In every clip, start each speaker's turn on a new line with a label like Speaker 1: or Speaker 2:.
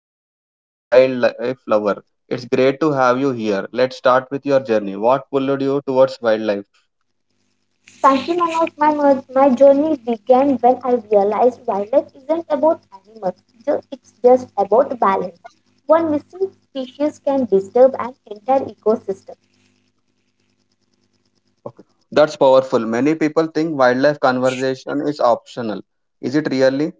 Speaker 1: is Monica, the wildlife lover. It's great to have you here. Let's start with your journey. What pulled you towards wildlife?
Speaker 2: Frankly, my, not- my, mer- my journey began when I realized wildlife isn't about animals, it's just about balance. One missing species can disturb an entire ecosystem.
Speaker 1: Okay. That's powerful. Many people think wildlife conversation is optional. Is it really?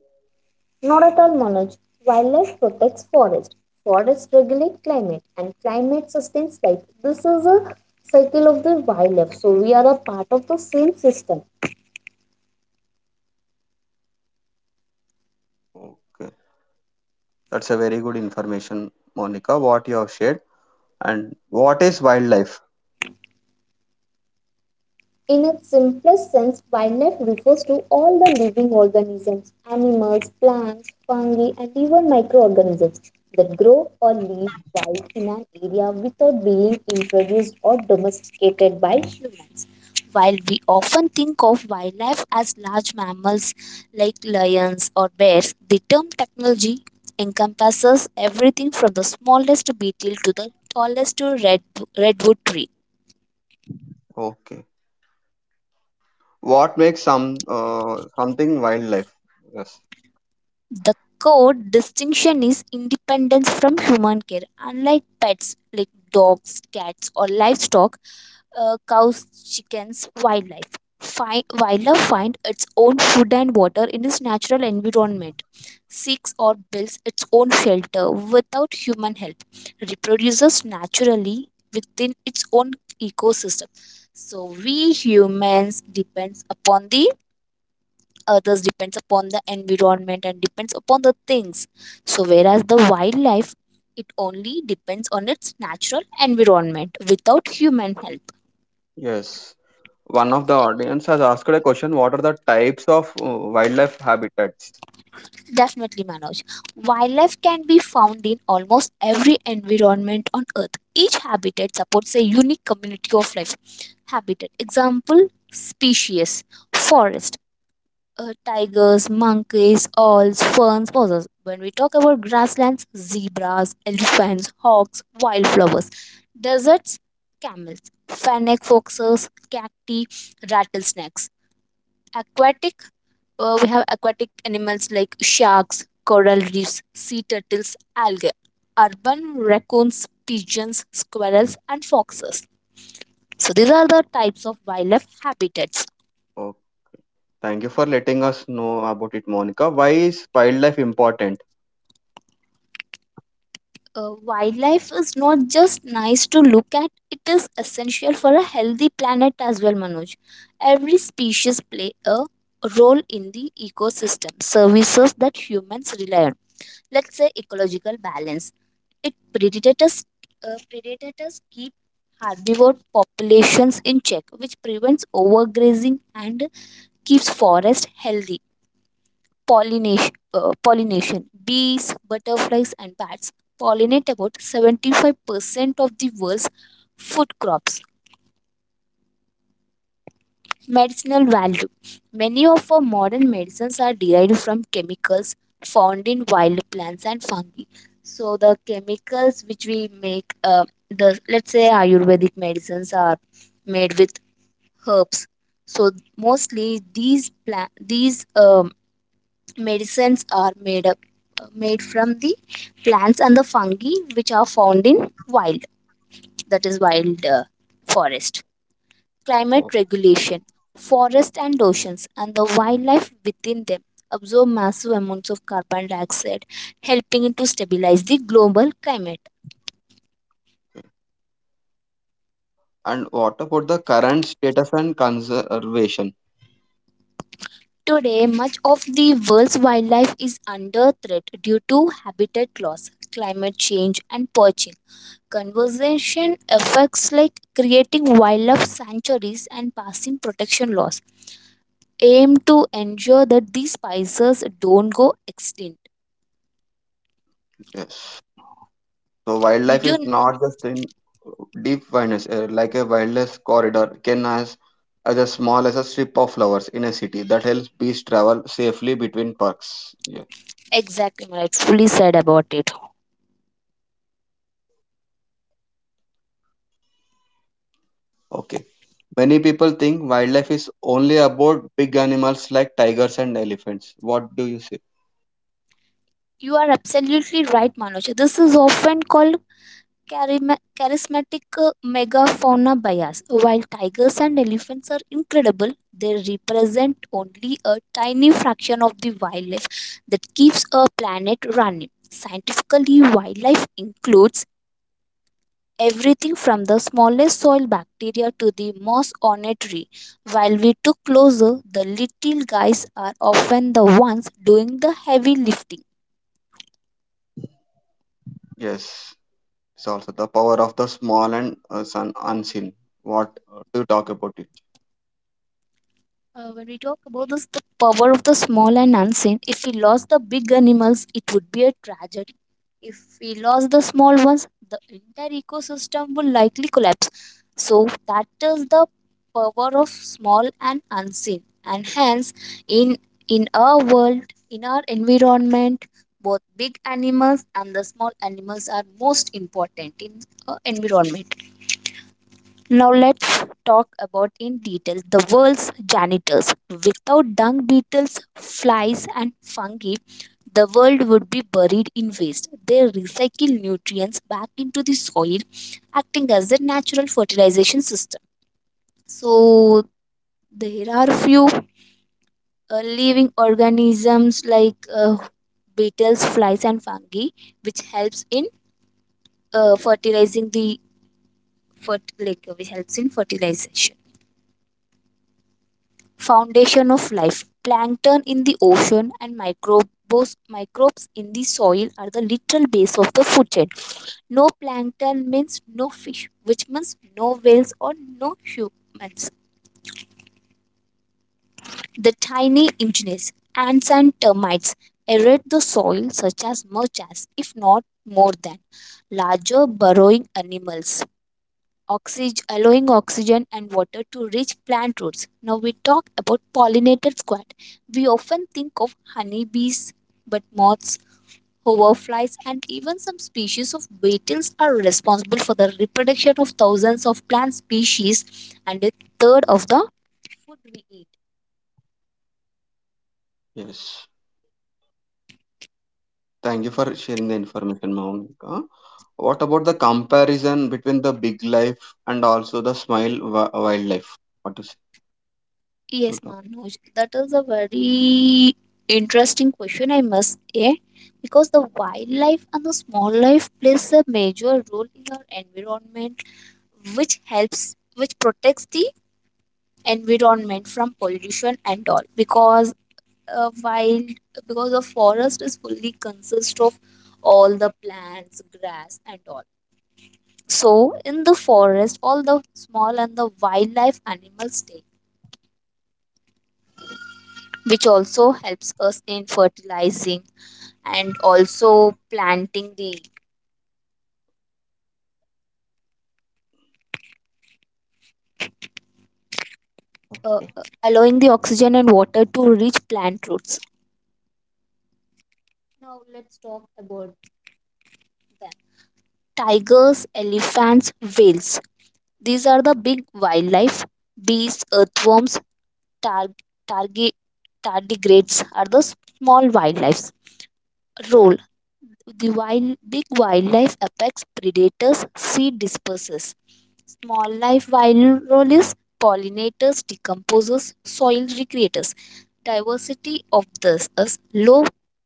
Speaker 2: Not at all, Manoj. Wildlife protects forests, regulate climate, and climate sustains life. This is a cycle of the wildlife, so we are a part of the same system.
Speaker 1: Okay. That's a very good information, Monica, what you have shared. And what is wildlife?
Speaker 2: In its simplest sense, wildlife refers to all the living organisms, animals, plants, fungi, and even microorganisms that grow or live wild in an area without being introduced or domesticated by humans. While we often think of wildlife as large mammals like lions or bears, the term technology encompasses everything from the smallest beetle to the tallest redwood tree.
Speaker 1: Okay. What makes something wildlife? Yes.
Speaker 2: The core distinction is independence from human care. Unlike pets like dogs, cats, or livestock, cows, chickens, wildlife find its own food and water in its natural environment, seeks or builds its own shelter without human help, reproduces naturally within its own ecosystem. So we humans depends upon the others, depends upon the environment, and depends upon the things, so whereas the wildlife, it only depends on its natural environment without human help.
Speaker 1: Yes. One of the audience has asked a question. What are the types of wildlife habitats?
Speaker 2: Definitely, Manoj, wildlife can be found in almost every environment on earth. Each habitat supports a unique community of life. Habitat, example, species. Forest, tigers, monkeys, owls, ferns, mosses. When we talk about grasslands, zebras, elephants, hawks, wildflowers, deserts, camels, fennec foxes, cacti, rattlesnakes. Aquatic, we have aquatic animals like sharks, coral reefs, sea turtles, algae, urban raccoons, pigeons, squirrels, and foxes. So these are the types of wildlife habitats.
Speaker 1: Oh, thank you for letting us know about it, Monica. Why is wildlife important?
Speaker 2: Wildlife is not just nice to look at, it is essential for a healthy planet as well, Manoj. Every species play a role in the ecosystem, services that humans rely on. Let's say ecological balance. It predators, Predators keep herbivore populations in check, which prevents overgrazing and keeps forest healthy. Pollination Bees, butterflies, and bats pollinate about 75% of the world's food crops. Medicinal value. Many of our modern medicines are derived from chemicals found in wild plants and fungi. So, the chemicals which we make, the, let's say, Ayurvedic medicines are made with herbs. So, mostly these medicines are made up, made from the plants and the fungi which are found in wild, that is wild, forest.
Speaker 1: Oh,
Speaker 2: Climate regulation. Forest and oceans and the wildlife within them absorb massive amounts of carbon dioxide, helping to stabilize the global climate.
Speaker 1: and what about the current status and conservation?
Speaker 2: Today, much of the world's wildlife is under threat due to habitat loss, climate change, and poaching. Conservation effects like creating wildlife sanctuaries and passing protection laws aim to ensure that these species don't go extinct.
Speaker 1: Yes. So wildlife
Speaker 2: Did
Speaker 1: is
Speaker 2: you
Speaker 1: not just in deep wilderness, like a wilderness corridor can as a small as a strip of flowers in a city that helps bees travel safely between parks. Yeah.
Speaker 2: Exactly rightfully said about it?
Speaker 1: Okay. Many people think wildlife is only about big animals like tigers and elephants. What do you say?
Speaker 2: You are absolutely right, Manoj. This is often called charismatic megafauna bias. While tigers and elephants are incredible, they represent only a tiny fraction of the wildlife that keeps a planet running. Scientifically, wildlife includes everything from the smallest soil bacteria to the most ornate tree. While we took closer, the little guys are often the ones doing the heavy lifting.
Speaker 1: Yes. It's also the power of the small and sun unseen. What do you talk about it?
Speaker 2: When we talk about this, the power of the small and unseen, if we lost the big animals, it would be a tragedy. If we lost the small ones, the entire ecosystem will likely collapse. So, that is the power of small and unseen. And hence, in, in our world, in our environment, both big animals and the small animals are most important in our environment. Now let's talk about in detail the world's janitors. Without dung beetles, flies, and fungi, the world would be buried in waste. They recycle nutrients back into the soil, acting as a natural fertilization system. So there are few living organisms like beetles, flies, and fungi which helps in fertilizing the like, which helps in fertilization. Foundation of life. Plankton in the ocean and microbes in the soil are the literal base of the food chain. No plankton means no fish, which means no whales or no humans. The tiny engineers, ants and termites, erode the soil such as much as, if not more than, larger burrowing animals. Allowing oxygen and water to reach plant roots. Now we talk about pollinator squad. We often think of honeybees, but moths, hoverflies, and even some species of beetles are responsible for the reproduction of thousands of plant species and a third of the food we eat.
Speaker 1: Yes. Thank you for sharing the information, Monica. What about the comparison between the big life and also the small wildlife? What is you
Speaker 2: Yes,
Speaker 1: talk?
Speaker 2: Manoj, that is a very interesting question, I must say, because the wildlife and the small life plays a major role in our environment, which helps, which protects the environment from pollution and all, because while because the forest is fully consist of all the plants, grass, and all. So in the forest, all the small and the wildlife animals stay, which also helps us in fertilizing and also planting the,
Speaker 1: Okay.
Speaker 2: allowing the oxygen and water to reach plant roots. Now let's talk about them, tigers, elephants, whales. These are the big wildlife. Bees, earthworms, tar- targi- tardigrades are the small wildlife. Role, big wildlife, apex predators, seed dispersers. Small life, virulence, pollinators, decomposers, soil recreators. Diversity of this is low,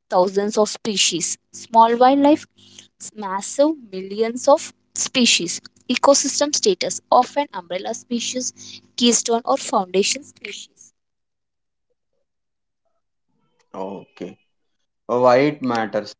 Speaker 2: thousands of species. Small wildlife, massive, millions of species. Ecosystem status, often umbrella species, keystone or foundation species.
Speaker 1: Okay. Why it matters?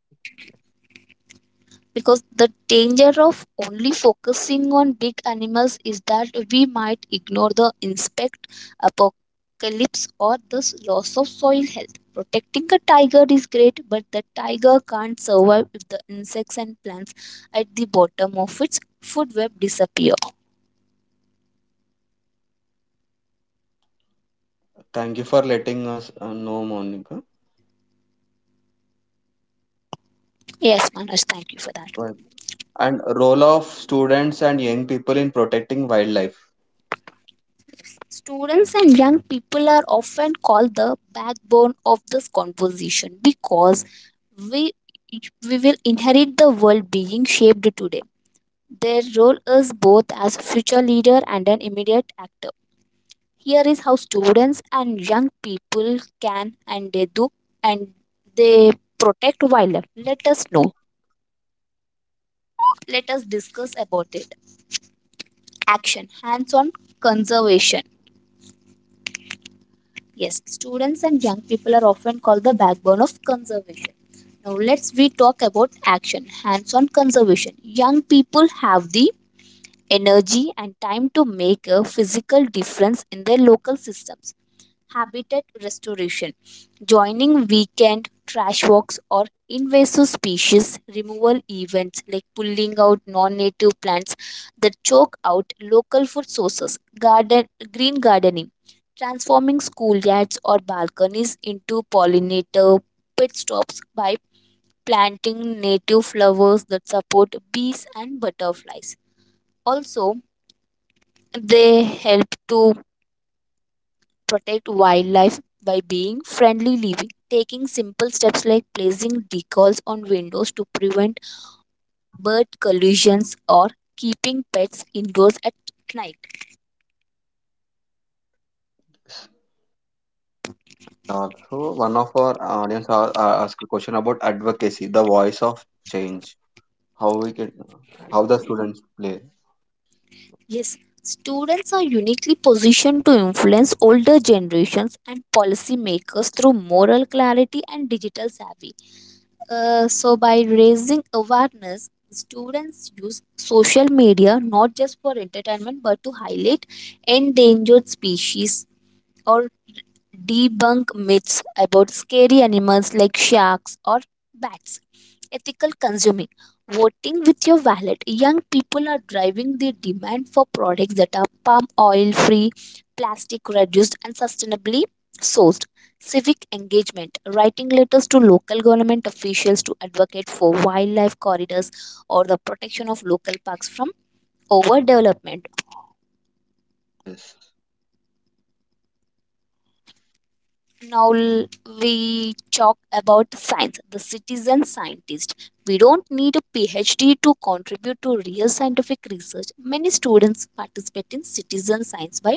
Speaker 2: Because the danger of only focusing on big animals is that we might ignore the insect apocalypse or the loss of soil health. Protecting a tiger is great, but the tiger can't survive if the insects and plants at the bottom of its food web disappear.
Speaker 1: Thank you for letting us know, Monica.
Speaker 2: Yes, Manoj, thank you for that.
Speaker 1: Why and role of students and young people in protecting wildlife.
Speaker 2: Students and young people are often called the backbone of this conversation because we, we will inherit the world being shaped today. Their role is both as future leader and an immediate actor. Here is how students and young people can, and they do, and they protect wildlife. Let us know. Let us discuss about it. Action, hands-on conservation. Yes, students and young people are often called the backbone of conservation. Now let's we talk about action, hands-on conservation. Young people have the energy and time to make a physical difference in their local systems. Habitat restoration, joining weekend trash walks or invasive species removal events like pulling out non-native plants that choke out local food sources. Garden Green gardening, transforming schoolyards or balconies into pollinator pit stops by planting native flowers that support bees and butterflies. Also, they help to protect wildlife by being friendly living, taking simple steps like placing decals on windows to prevent bird collisions or keeping pets indoors at night.
Speaker 1: So one of our audience asked a question about advocacy, the voice of change, how we can, how the students play.
Speaker 2: Yes, students are uniquely positioned to influence older generations and policymakers through moral clarity and digital savvy. So, by raising awareness, students use social media not just for entertainment but to highlight endangered species or debunk myths about scary animals like sharks or bats. Ethical consuming. Voting with your wallet. Young people are driving the demand for products that are palm oil free, plastic reduced, and sustainably sourced. Civic engagement. Writing letters to local government officials to advocate for wildlife corridors or the protection of local parks from overdevelopment.
Speaker 1: Yes.
Speaker 2: now l- we talk about science, the citizen scientist. We don't need a PhD to contribute to real scientific research. Many students participate in citizen science by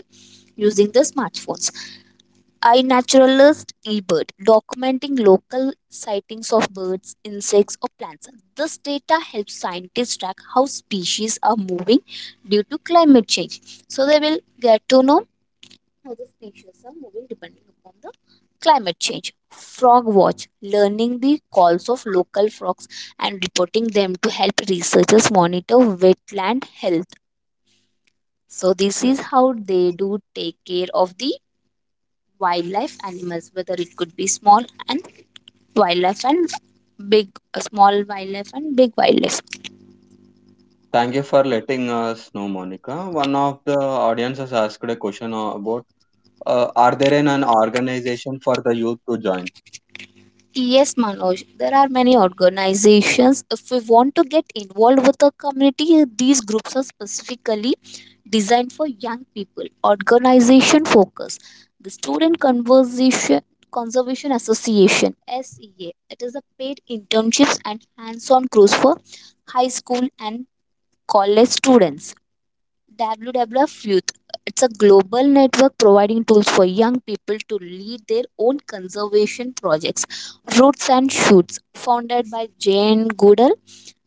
Speaker 2: using their smartphones. iNaturalist, eBird, documenting local sightings of birds, insects, or plants. This data helps scientists track how species are moving due to climate change. So they will get to know other species are moving depending upon the climate change. Frog watch, learning the calls of local frogs and reporting them to help researchers monitor wetland health. So this
Speaker 1: Yeah.
Speaker 2: is how they do take care of the wildlife animals, whether it could be small and wildlife and big, small wildlife and big wildlife.
Speaker 1: Thank you for letting us know, Monica. One of the audience has asked a question about are there an organization for the youth to join?
Speaker 2: Yes, Manoj, there are many organizations. If we want to get involved with the community, these groups are specifically designed for young people. Organization focus. The Student Conversation Conservation Association, SEA. It is a paid internships and hands-on course for high school and college students. WWF Youth. It's a global network providing tools for young people to lead their own conservation projects. Roots and Shoots, founded by Jane Goodall,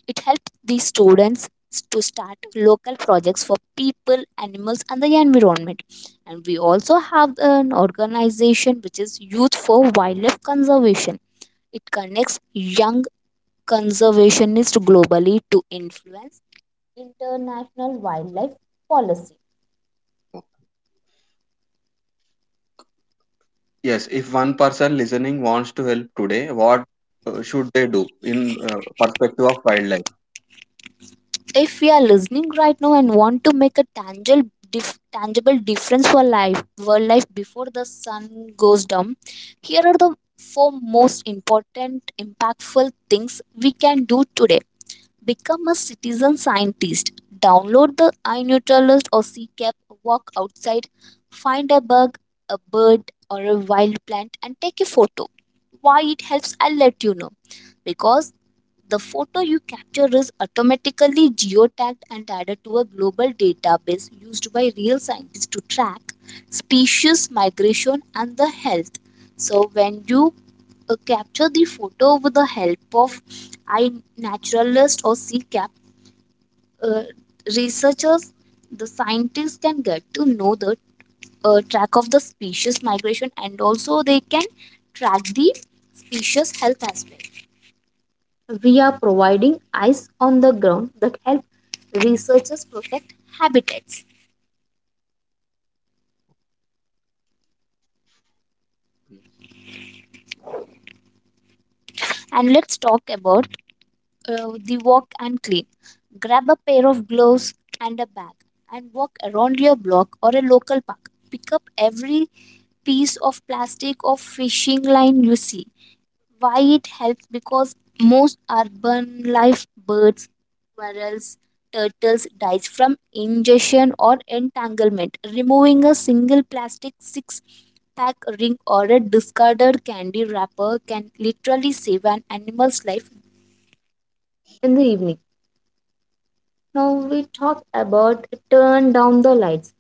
Speaker 2: it helps these students to start local projects for people, animals, and the environment. And we also have an organization which is Youth for Wildlife Conservation. It connects young conservationists globally to influence international wildlife policy.
Speaker 1: Yes, if one person listening wants to help today, what should they do in uh, perspective of wildlife?
Speaker 2: If we are listening right now and want to make a tangible tangible difference for life world life before the sun goes down, here are the four most important impactful things we can do today. Become a citizen scientist. Download the iNutrialist or ccap. Walk outside, find a bug, a bird or a wild plant and take a photo. Why it helps, I'll let you know, because the photo you capture is automatically geotagged and added to a global database used by real scientists to track species migration and the health. So when you capture the photo with the help of iNaturalist or CCAP, uh, researchers, the scientists can get to know the track of the species migration, and also they can track the species health as well. We are providing eyes on the ground that help researchers protect habitats. And let's talk about the walk and clean. Grab a pair of gloves and a bag and walk around your block or a local park. Pick up every piece of plastic or fishing line you see. Why it helps, because most urban life, birds, squirrels, turtles dies from ingestion or entanglement. Removing a single plastic six pack ring or a discarded candy wrapper can literally save an animal's life. In the evening, now we talk about turn down the lights.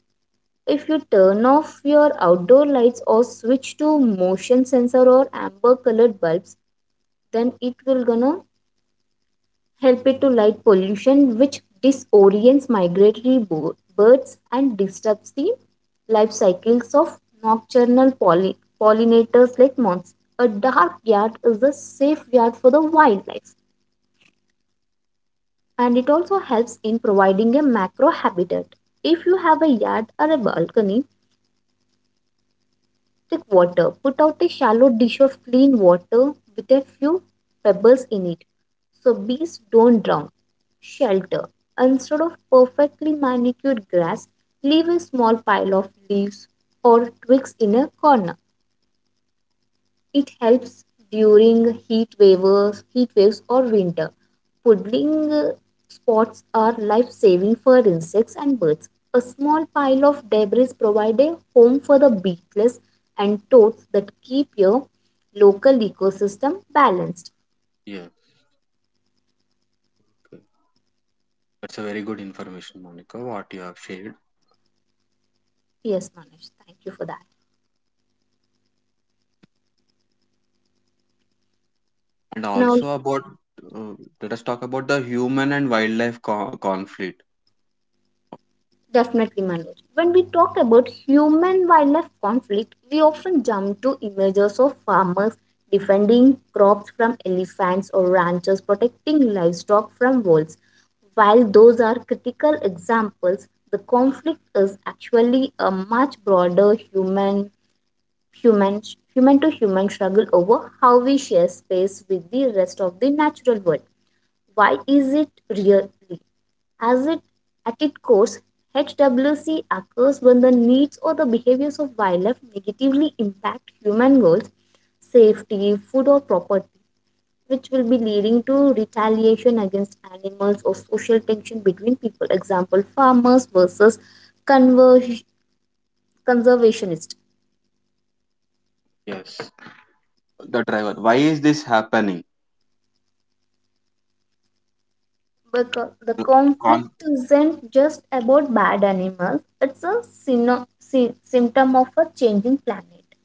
Speaker 2: If you turn off your outdoor lights or switch to motion sensor or amber colored bulbs, then it will gonna help it to light pollution, which disorients migratory birds and disturbs the life cycles of nocturnal pollinators like moths. A dark yard is a safe yard for the wildlife, and it also helps in providing a macro habitat. If you have a yard or a balcony, take water. Put out a shallow dish of clean water with a few pebbles in it so bees don't drown. Shelter. Instead of perfectly manicured grass, leave a small pile of leaves or twigs in a corner. It helps during heat waves or winter. Puddling spots are life-saving for insects and birds. A small pile of debris provide a home for the beetles and toads that keep your local ecosystem balanced.
Speaker 1: Yeah. That's a very good information, Monica, what you have shared.
Speaker 2: Yes, Manoj, thank you for that.
Speaker 1: And
Speaker 2: Now,
Speaker 1: also about, uh, let us talk about the human and wildlife conflict.
Speaker 2: definitely, Manoj. When we talk about human wildlife conflict, we often jump to images of farmers defending crops from elephants or ranchers protecting livestock from wolves. While those are critical examples, the conflict is actually a much broader human human to human struggle over how we share space with the rest of the natural world. Why is it really? As it at its core, HWC occurs when the needs or the behaviors of wildlife negatively impact human goals, safety, food or property, which will be leading to retaliation against animals or social tension between people. Example, farmers versus conver- conservationists.
Speaker 1: Yes, the driver. Why is this happening?
Speaker 2: But the
Speaker 1: The Con-
Speaker 2: conflict isn't just about bad animals, it's a symptom of a changing planet.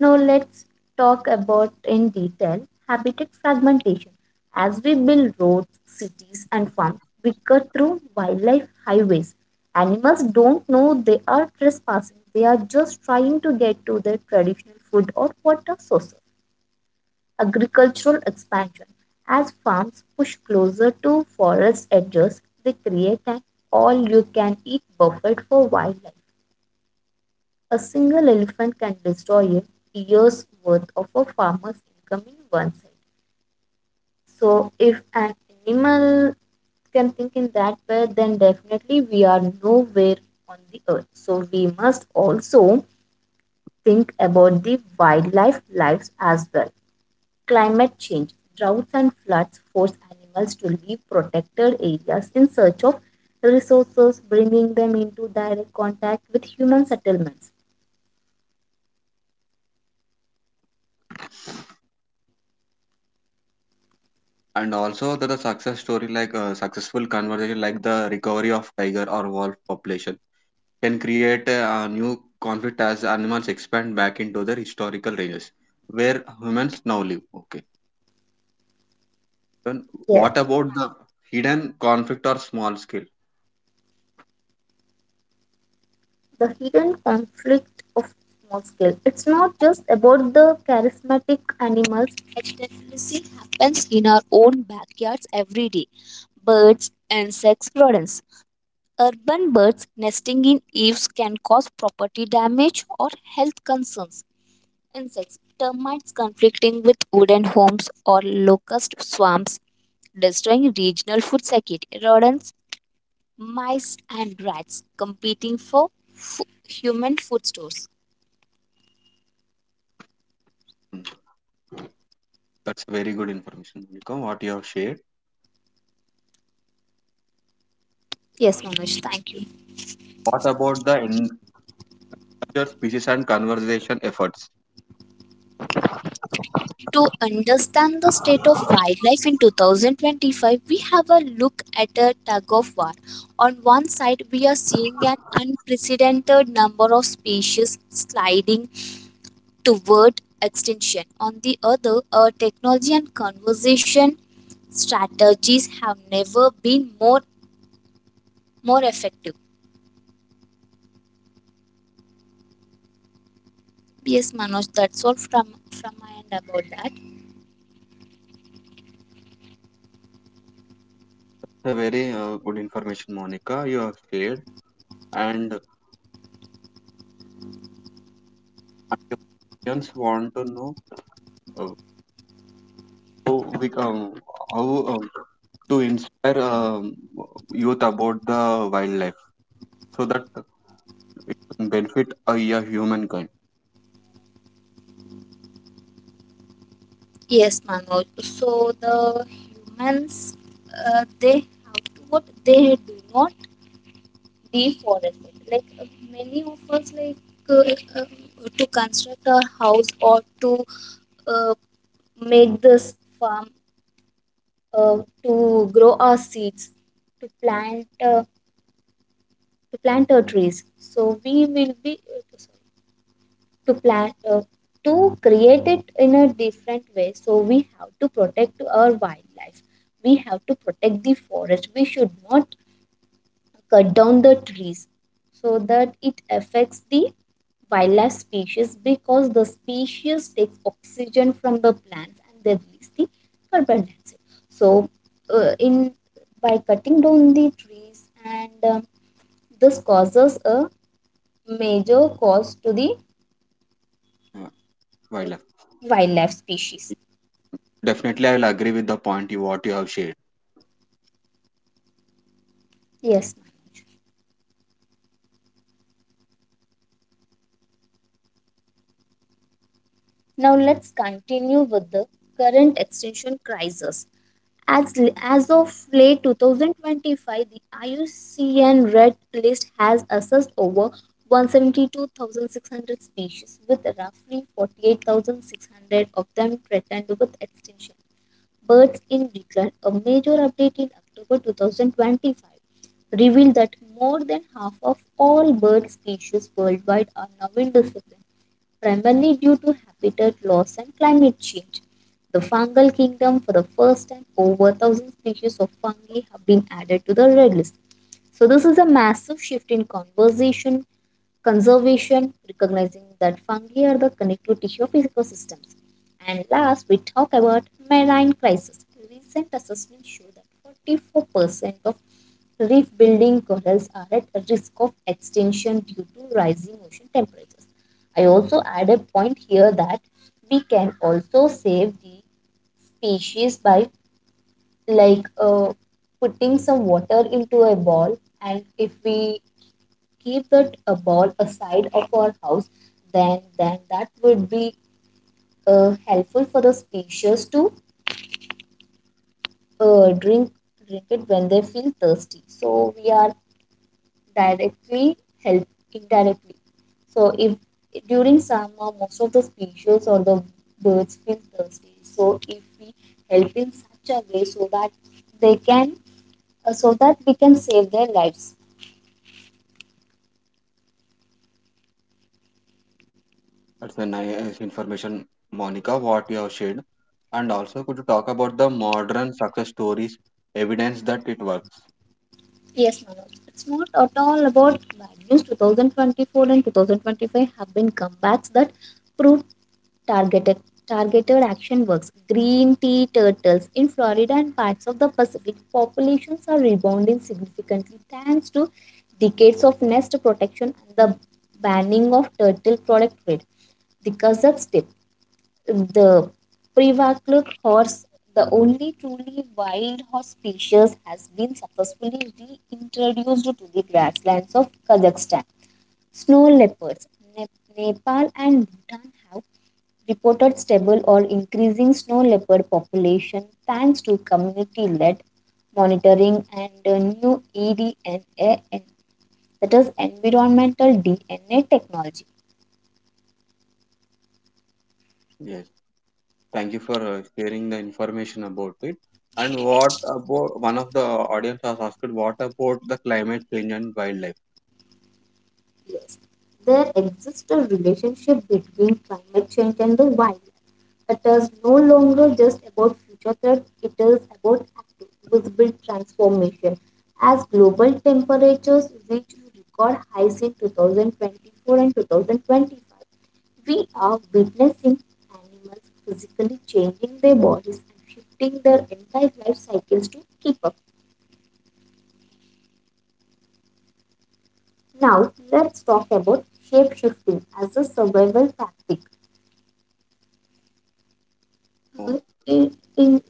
Speaker 2: Now let's talk about in detail habitat fragmentation. As we build roads, cities and farms, we cut through wildlife highways. Animals don't know they are trespassing. They are just trying to get to their traditional food or water sources. Agricultural expansion. As farms push closer to forest edges, they create an all you can eat buffet for wildlife. A single elephant can destroy a year's worth of a farmer's income in one side. So, if an animal can think in that way, then definitely we are nowhere on the earth. So, we must also think about the wildlife lives as well. Climate change, droughts, and floods force animals to leave protected areas in search of resources, bringing them into direct contact with human settlements.
Speaker 1: and also the success story, like a successful conversation, like the recovery of tiger or wolf population, can create a new conflict as animals expand back into their historical ranges, where humans now live. Okay. Then
Speaker 2: Yes,
Speaker 1: what about the hidden conflict or small scale?
Speaker 2: the hidden conflict of small scale. It's not just about the charismatic animals. Extinction happens in our own backyards every day. Birds, insects, rodents. Urban birds nesting in eaves can cause property damage or health concerns. Insects, termites conflicting with wooden homes or locust swarms, destroying regional food security. Rodents, mice and rats competing for human food stores.
Speaker 1: Hmm. That's very good information, Monica, what you have shared.
Speaker 2: Yes, Manoj, thank you.
Speaker 1: What about the endangered species and conservation efforts?
Speaker 2: To understand the state of wildlife in 2025, we have a look at a tug of war. On one side, we are seeing an unprecedented number of species sliding toward extinction. On the other, our technology and conservation strategies have never been more effective. Yes, Manoj, that's all from my end about that.
Speaker 1: The very good information, Monica, you have shared. And our audience want to know uh, how, how to inspire youth about the wildlife so that it can benefit a humankind.
Speaker 2: Yes, Manoj. So the humans, they have to what they do not deforest it. Like many of us, like uh, uh, to construct a house or to uh, make this farm, uh, to grow our seeds, to plant uh, to plant our trees. So we will be. Sorry. To plan to create it in a different way, so we have to protect our wildlife. We have to protect the forest. We should not cut down the trees so that it affects the wildlife species, because the species takes oxygen from the plants and they release the carbon dioxide. So in by cutting down the trees and this causes a major cause to the
Speaker 1: uh,
Speaker 2: uh,
Speaker 1: wildlife.
Speaker 2: wildlife species.
Speaker 1: Definitely, I will agree with the point you what you have shared.
Speaker 2: Yes, Manoj. Now let's continue with the current extinction crisis. As, as of late 2025, the IUCN Red List has assessed over 172,600 species, with roughly 48,600 of them threatened with extinction. Birds in Decline, a major update in October 2025, revealed that more than half of all bird species worldwide are now in discipline, primarily due to habitat loss and climate change. The fungal kingdom, for the first time, over 1,000 species of fungi have been added to the red list. So, this is a massive shift in conversation conservation, recognizing that fungi are the connective tissue of ecosystems. And last, we talk about marine crisis. Recent assessments show that 44% of reef building corals are at risk of extinction due to rising ocean temperatures. I also add a point here that we can also save the species by like putting some water into a ball, and if we keep that ball aside of our house, then that would be helpful for the species to uh, drink drink it when they feel thirsty. So we are directly help indirectly, so if during summer most of the species or the birds feel thirsty, so if we help in such a way so that they can so that we can save their lives.
Speaker 1: That's a nice information, Monica, what you have shared. And also, could you talk about the modern success stories, evidence that it works?
Speaker 2: Yes, Manoj. It's not at all about bad news. 2024 and 2025 have been comebacks that prove targeted targeted action works. Green tea turtles in Florida and parts of the Pacific populations are rebounding significantly thanks to decades of nest protection and the banning of turtle product trade. The Kazakh step. The Privakluk horse, the only truly wild horse species, has been successfully reintroduced to the grasslands of Kazakhstan. Snow leopards, Nep- Nepal, and Bhutan have reported stable or increasing snow leopard population thanks to community-led monitoring and new EDNA, and that is environmental DNA technology.
Speaker 1: Yes, thank you for sharing the information about it. And what about one of the audience has asked, what about the climate change and wildlife?
Speaker 2: Yes, there exists a relationship between climate change and the wild. It is no longer just about future threats, it is about active, visible transformation. As global temperatures reached record highs in 2024 and 2025, we are witnessing animals physically changing their bodies and shifting their entire life cycles to keep up. Now, let's talk about shape shifting as a survival tactic.
Speaker 1: Oh,
Speaker 2: In, in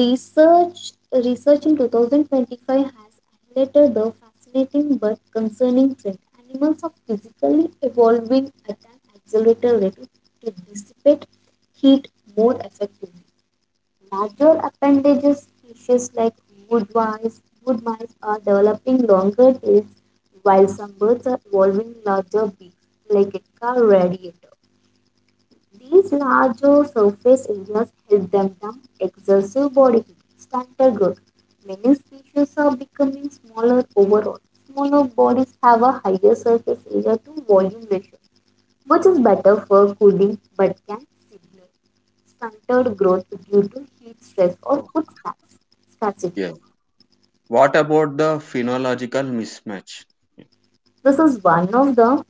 Speaker 2: research, in 2025 has highlighted the fascinating but concerning trend. Animals are physically evolving at an accelerated rate to dissipate heat more effectively. Larger appendages, species like wood mice are developing longer tails, while some birds are evolving larger beaks, like a car radiator. These larger surface areas help them dump excessive body heat, stunted growth. Many species are becoming smaller overall. Smaller bodies have a higher surface area to volume ratio, which is better for cooling but can signal stunted growth due to heat stress or
Speaker 1: oh,
Speaker 2: food scarcity.
Speaker 1: yeah. What about the phenological mismatch?
Speaker 2: This is one of the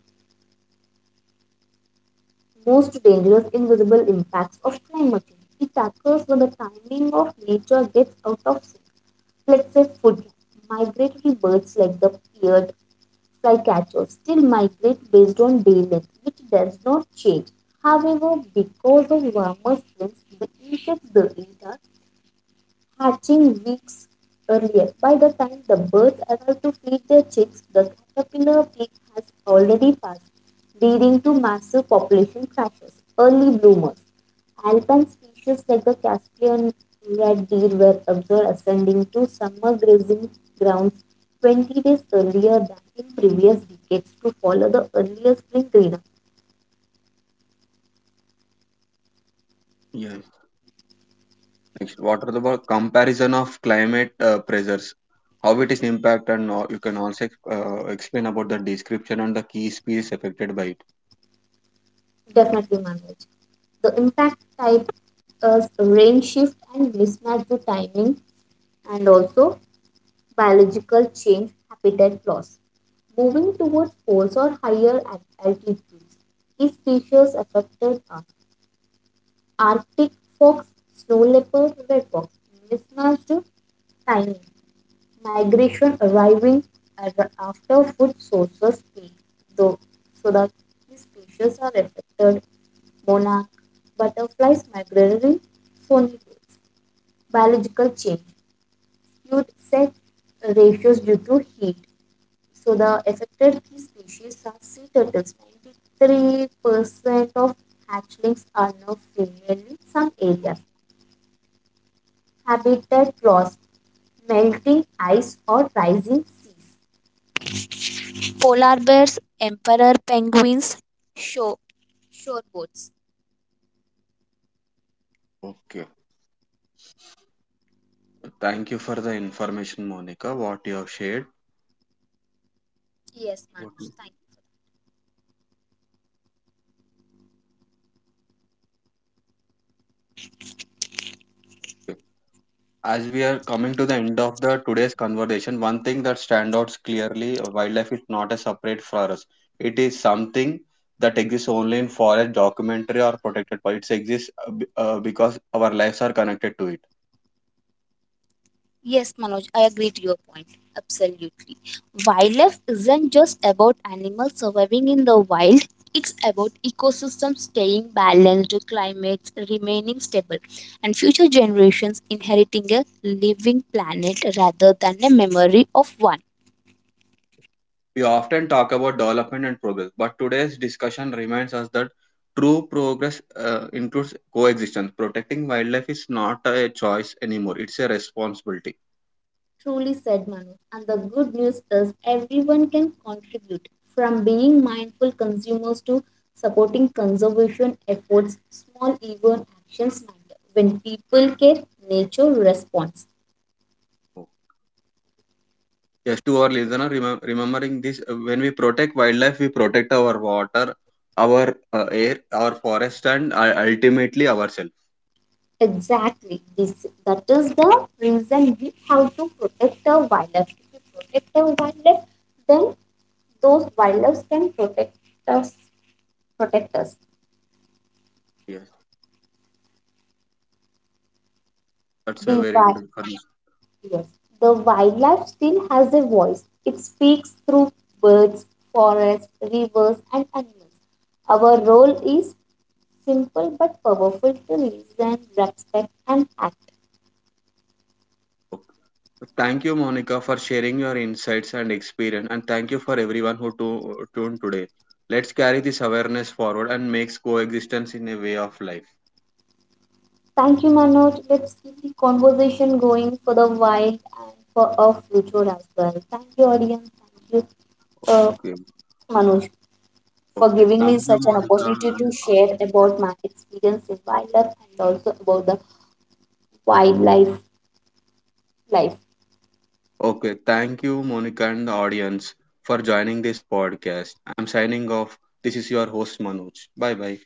Speaker 2: most dangerous invisible impacts of climate change. It occurs when the timing of nature gets out of sync. Let's say food. Migratory birds like the paired flycatcher still migrate based on day length, which does not change. However, because of warmer springs, the insects they eat are hatching weeks earlier. By the time the birds arrive to feed their chicks, the caterpillar peak has already passed, leading to massive population crashes. Early bloomers. Alpine species like the Caspian red deer were observed ascending to summer grazing grounds 20 days earlier than in previous decades to follow the earlier spring greenup.
Speaker 1: Yes. Next, what are the comparison of climate pressures? How it is impact and you can also explain about the description and the key species affected by it.
Speaker 2: Definitely managed. The impact type is rain shift and mismatch to timing, and also biological change, habitat loss. Moving towards poles or higher altitudes, these species affected are Arctic fox, snow leopard, red fox, mismatched timing, migration arriving after food sources fail, though, so that these species are affected monarch butterflies, migratory songbirds, biological change due to set ratios due to heat. So the affected key species are sea turtles. 93% of hatchlings are now female in some areas. Habitat loss, melting ice or rising seas. Polar bears, emperor penguins, show, shorebirds.
Speaker 1: Okay. Thank you for the information, Monica, what you have shared.
Speaker 2: Yes,
Speaker 1: What
Speaker 2: Manoj.
Speaker 1: you-
Speaker 2: Thank you.
Speaker 1: okay. As we are coming to the end of the today's conversation, one thing that stands out clearly: wildlife is not a separate for us. It is something that exists only in forest documentary or protected. But it exists because our lives are connected to it.
Speaker 2: Yes, Manoj, I agree to your point. Absolutely. Wildlife isn't just about animals surviving in the wild, it's about ecosystems staying balanced, climates remaining stable, and future generations inheriting a living planet rather than a memory of one.
Speaker 1: We often talk about development and progress, but today's discussion reminds us that true progress includes coexistence. Protecting wildlife is not a choice anymore, it's a responsibility.
Speaker 2: Truly said, Manu. And the good news is everyone can contribute from being mindful consumers to supporting conservation efforts. Small even actions matter. When people care, nature responds.
Speaker 1: Just to our listener, remembering this, when we protect wildlife, we protect our water, our air, our forest, and ultimately ourselves.
Speaker 2: Exactly. This that is the reason we have to protect our wildlife. If we protect our wildlife, then those wildlife can protect us protect us.
Speaker 1: Yes, that's a
Speaker 2: The
Speaker 1: very good information.
Speaker 2: Yes. The wildlife still has a voice. It speaks through birds, forests, rivers, and animals. Our role is simple but powerful to listen, respect, and act.
Speaker 1: Okay. Thank you, Monica, for sharing your insights and experience, and thank you for everyone who tuned today. Let's carry this awareness forward and makes coexistence in a way of life.
Speaker 2: Thank you, Manoj. Let's keep the conversation going for the wild and for our future as well. Thank you, audience. Thank you, uh,
Speaker 1: Okay,
Speaker 2: Manoj, for
Speaker 1: okay.
Speaker 2: giving me
Speaker 1: Thank you,
Speaker 2: such an
Speaker 1: Monica.
Speaker 2: opportunity to share about my experience in wildlife and also about the wildlife life.
Speaker 1: Okay, thank you, Monica, and the audience for joining this podcast. I'm signing off. This is your host, Manoj. Bye bye.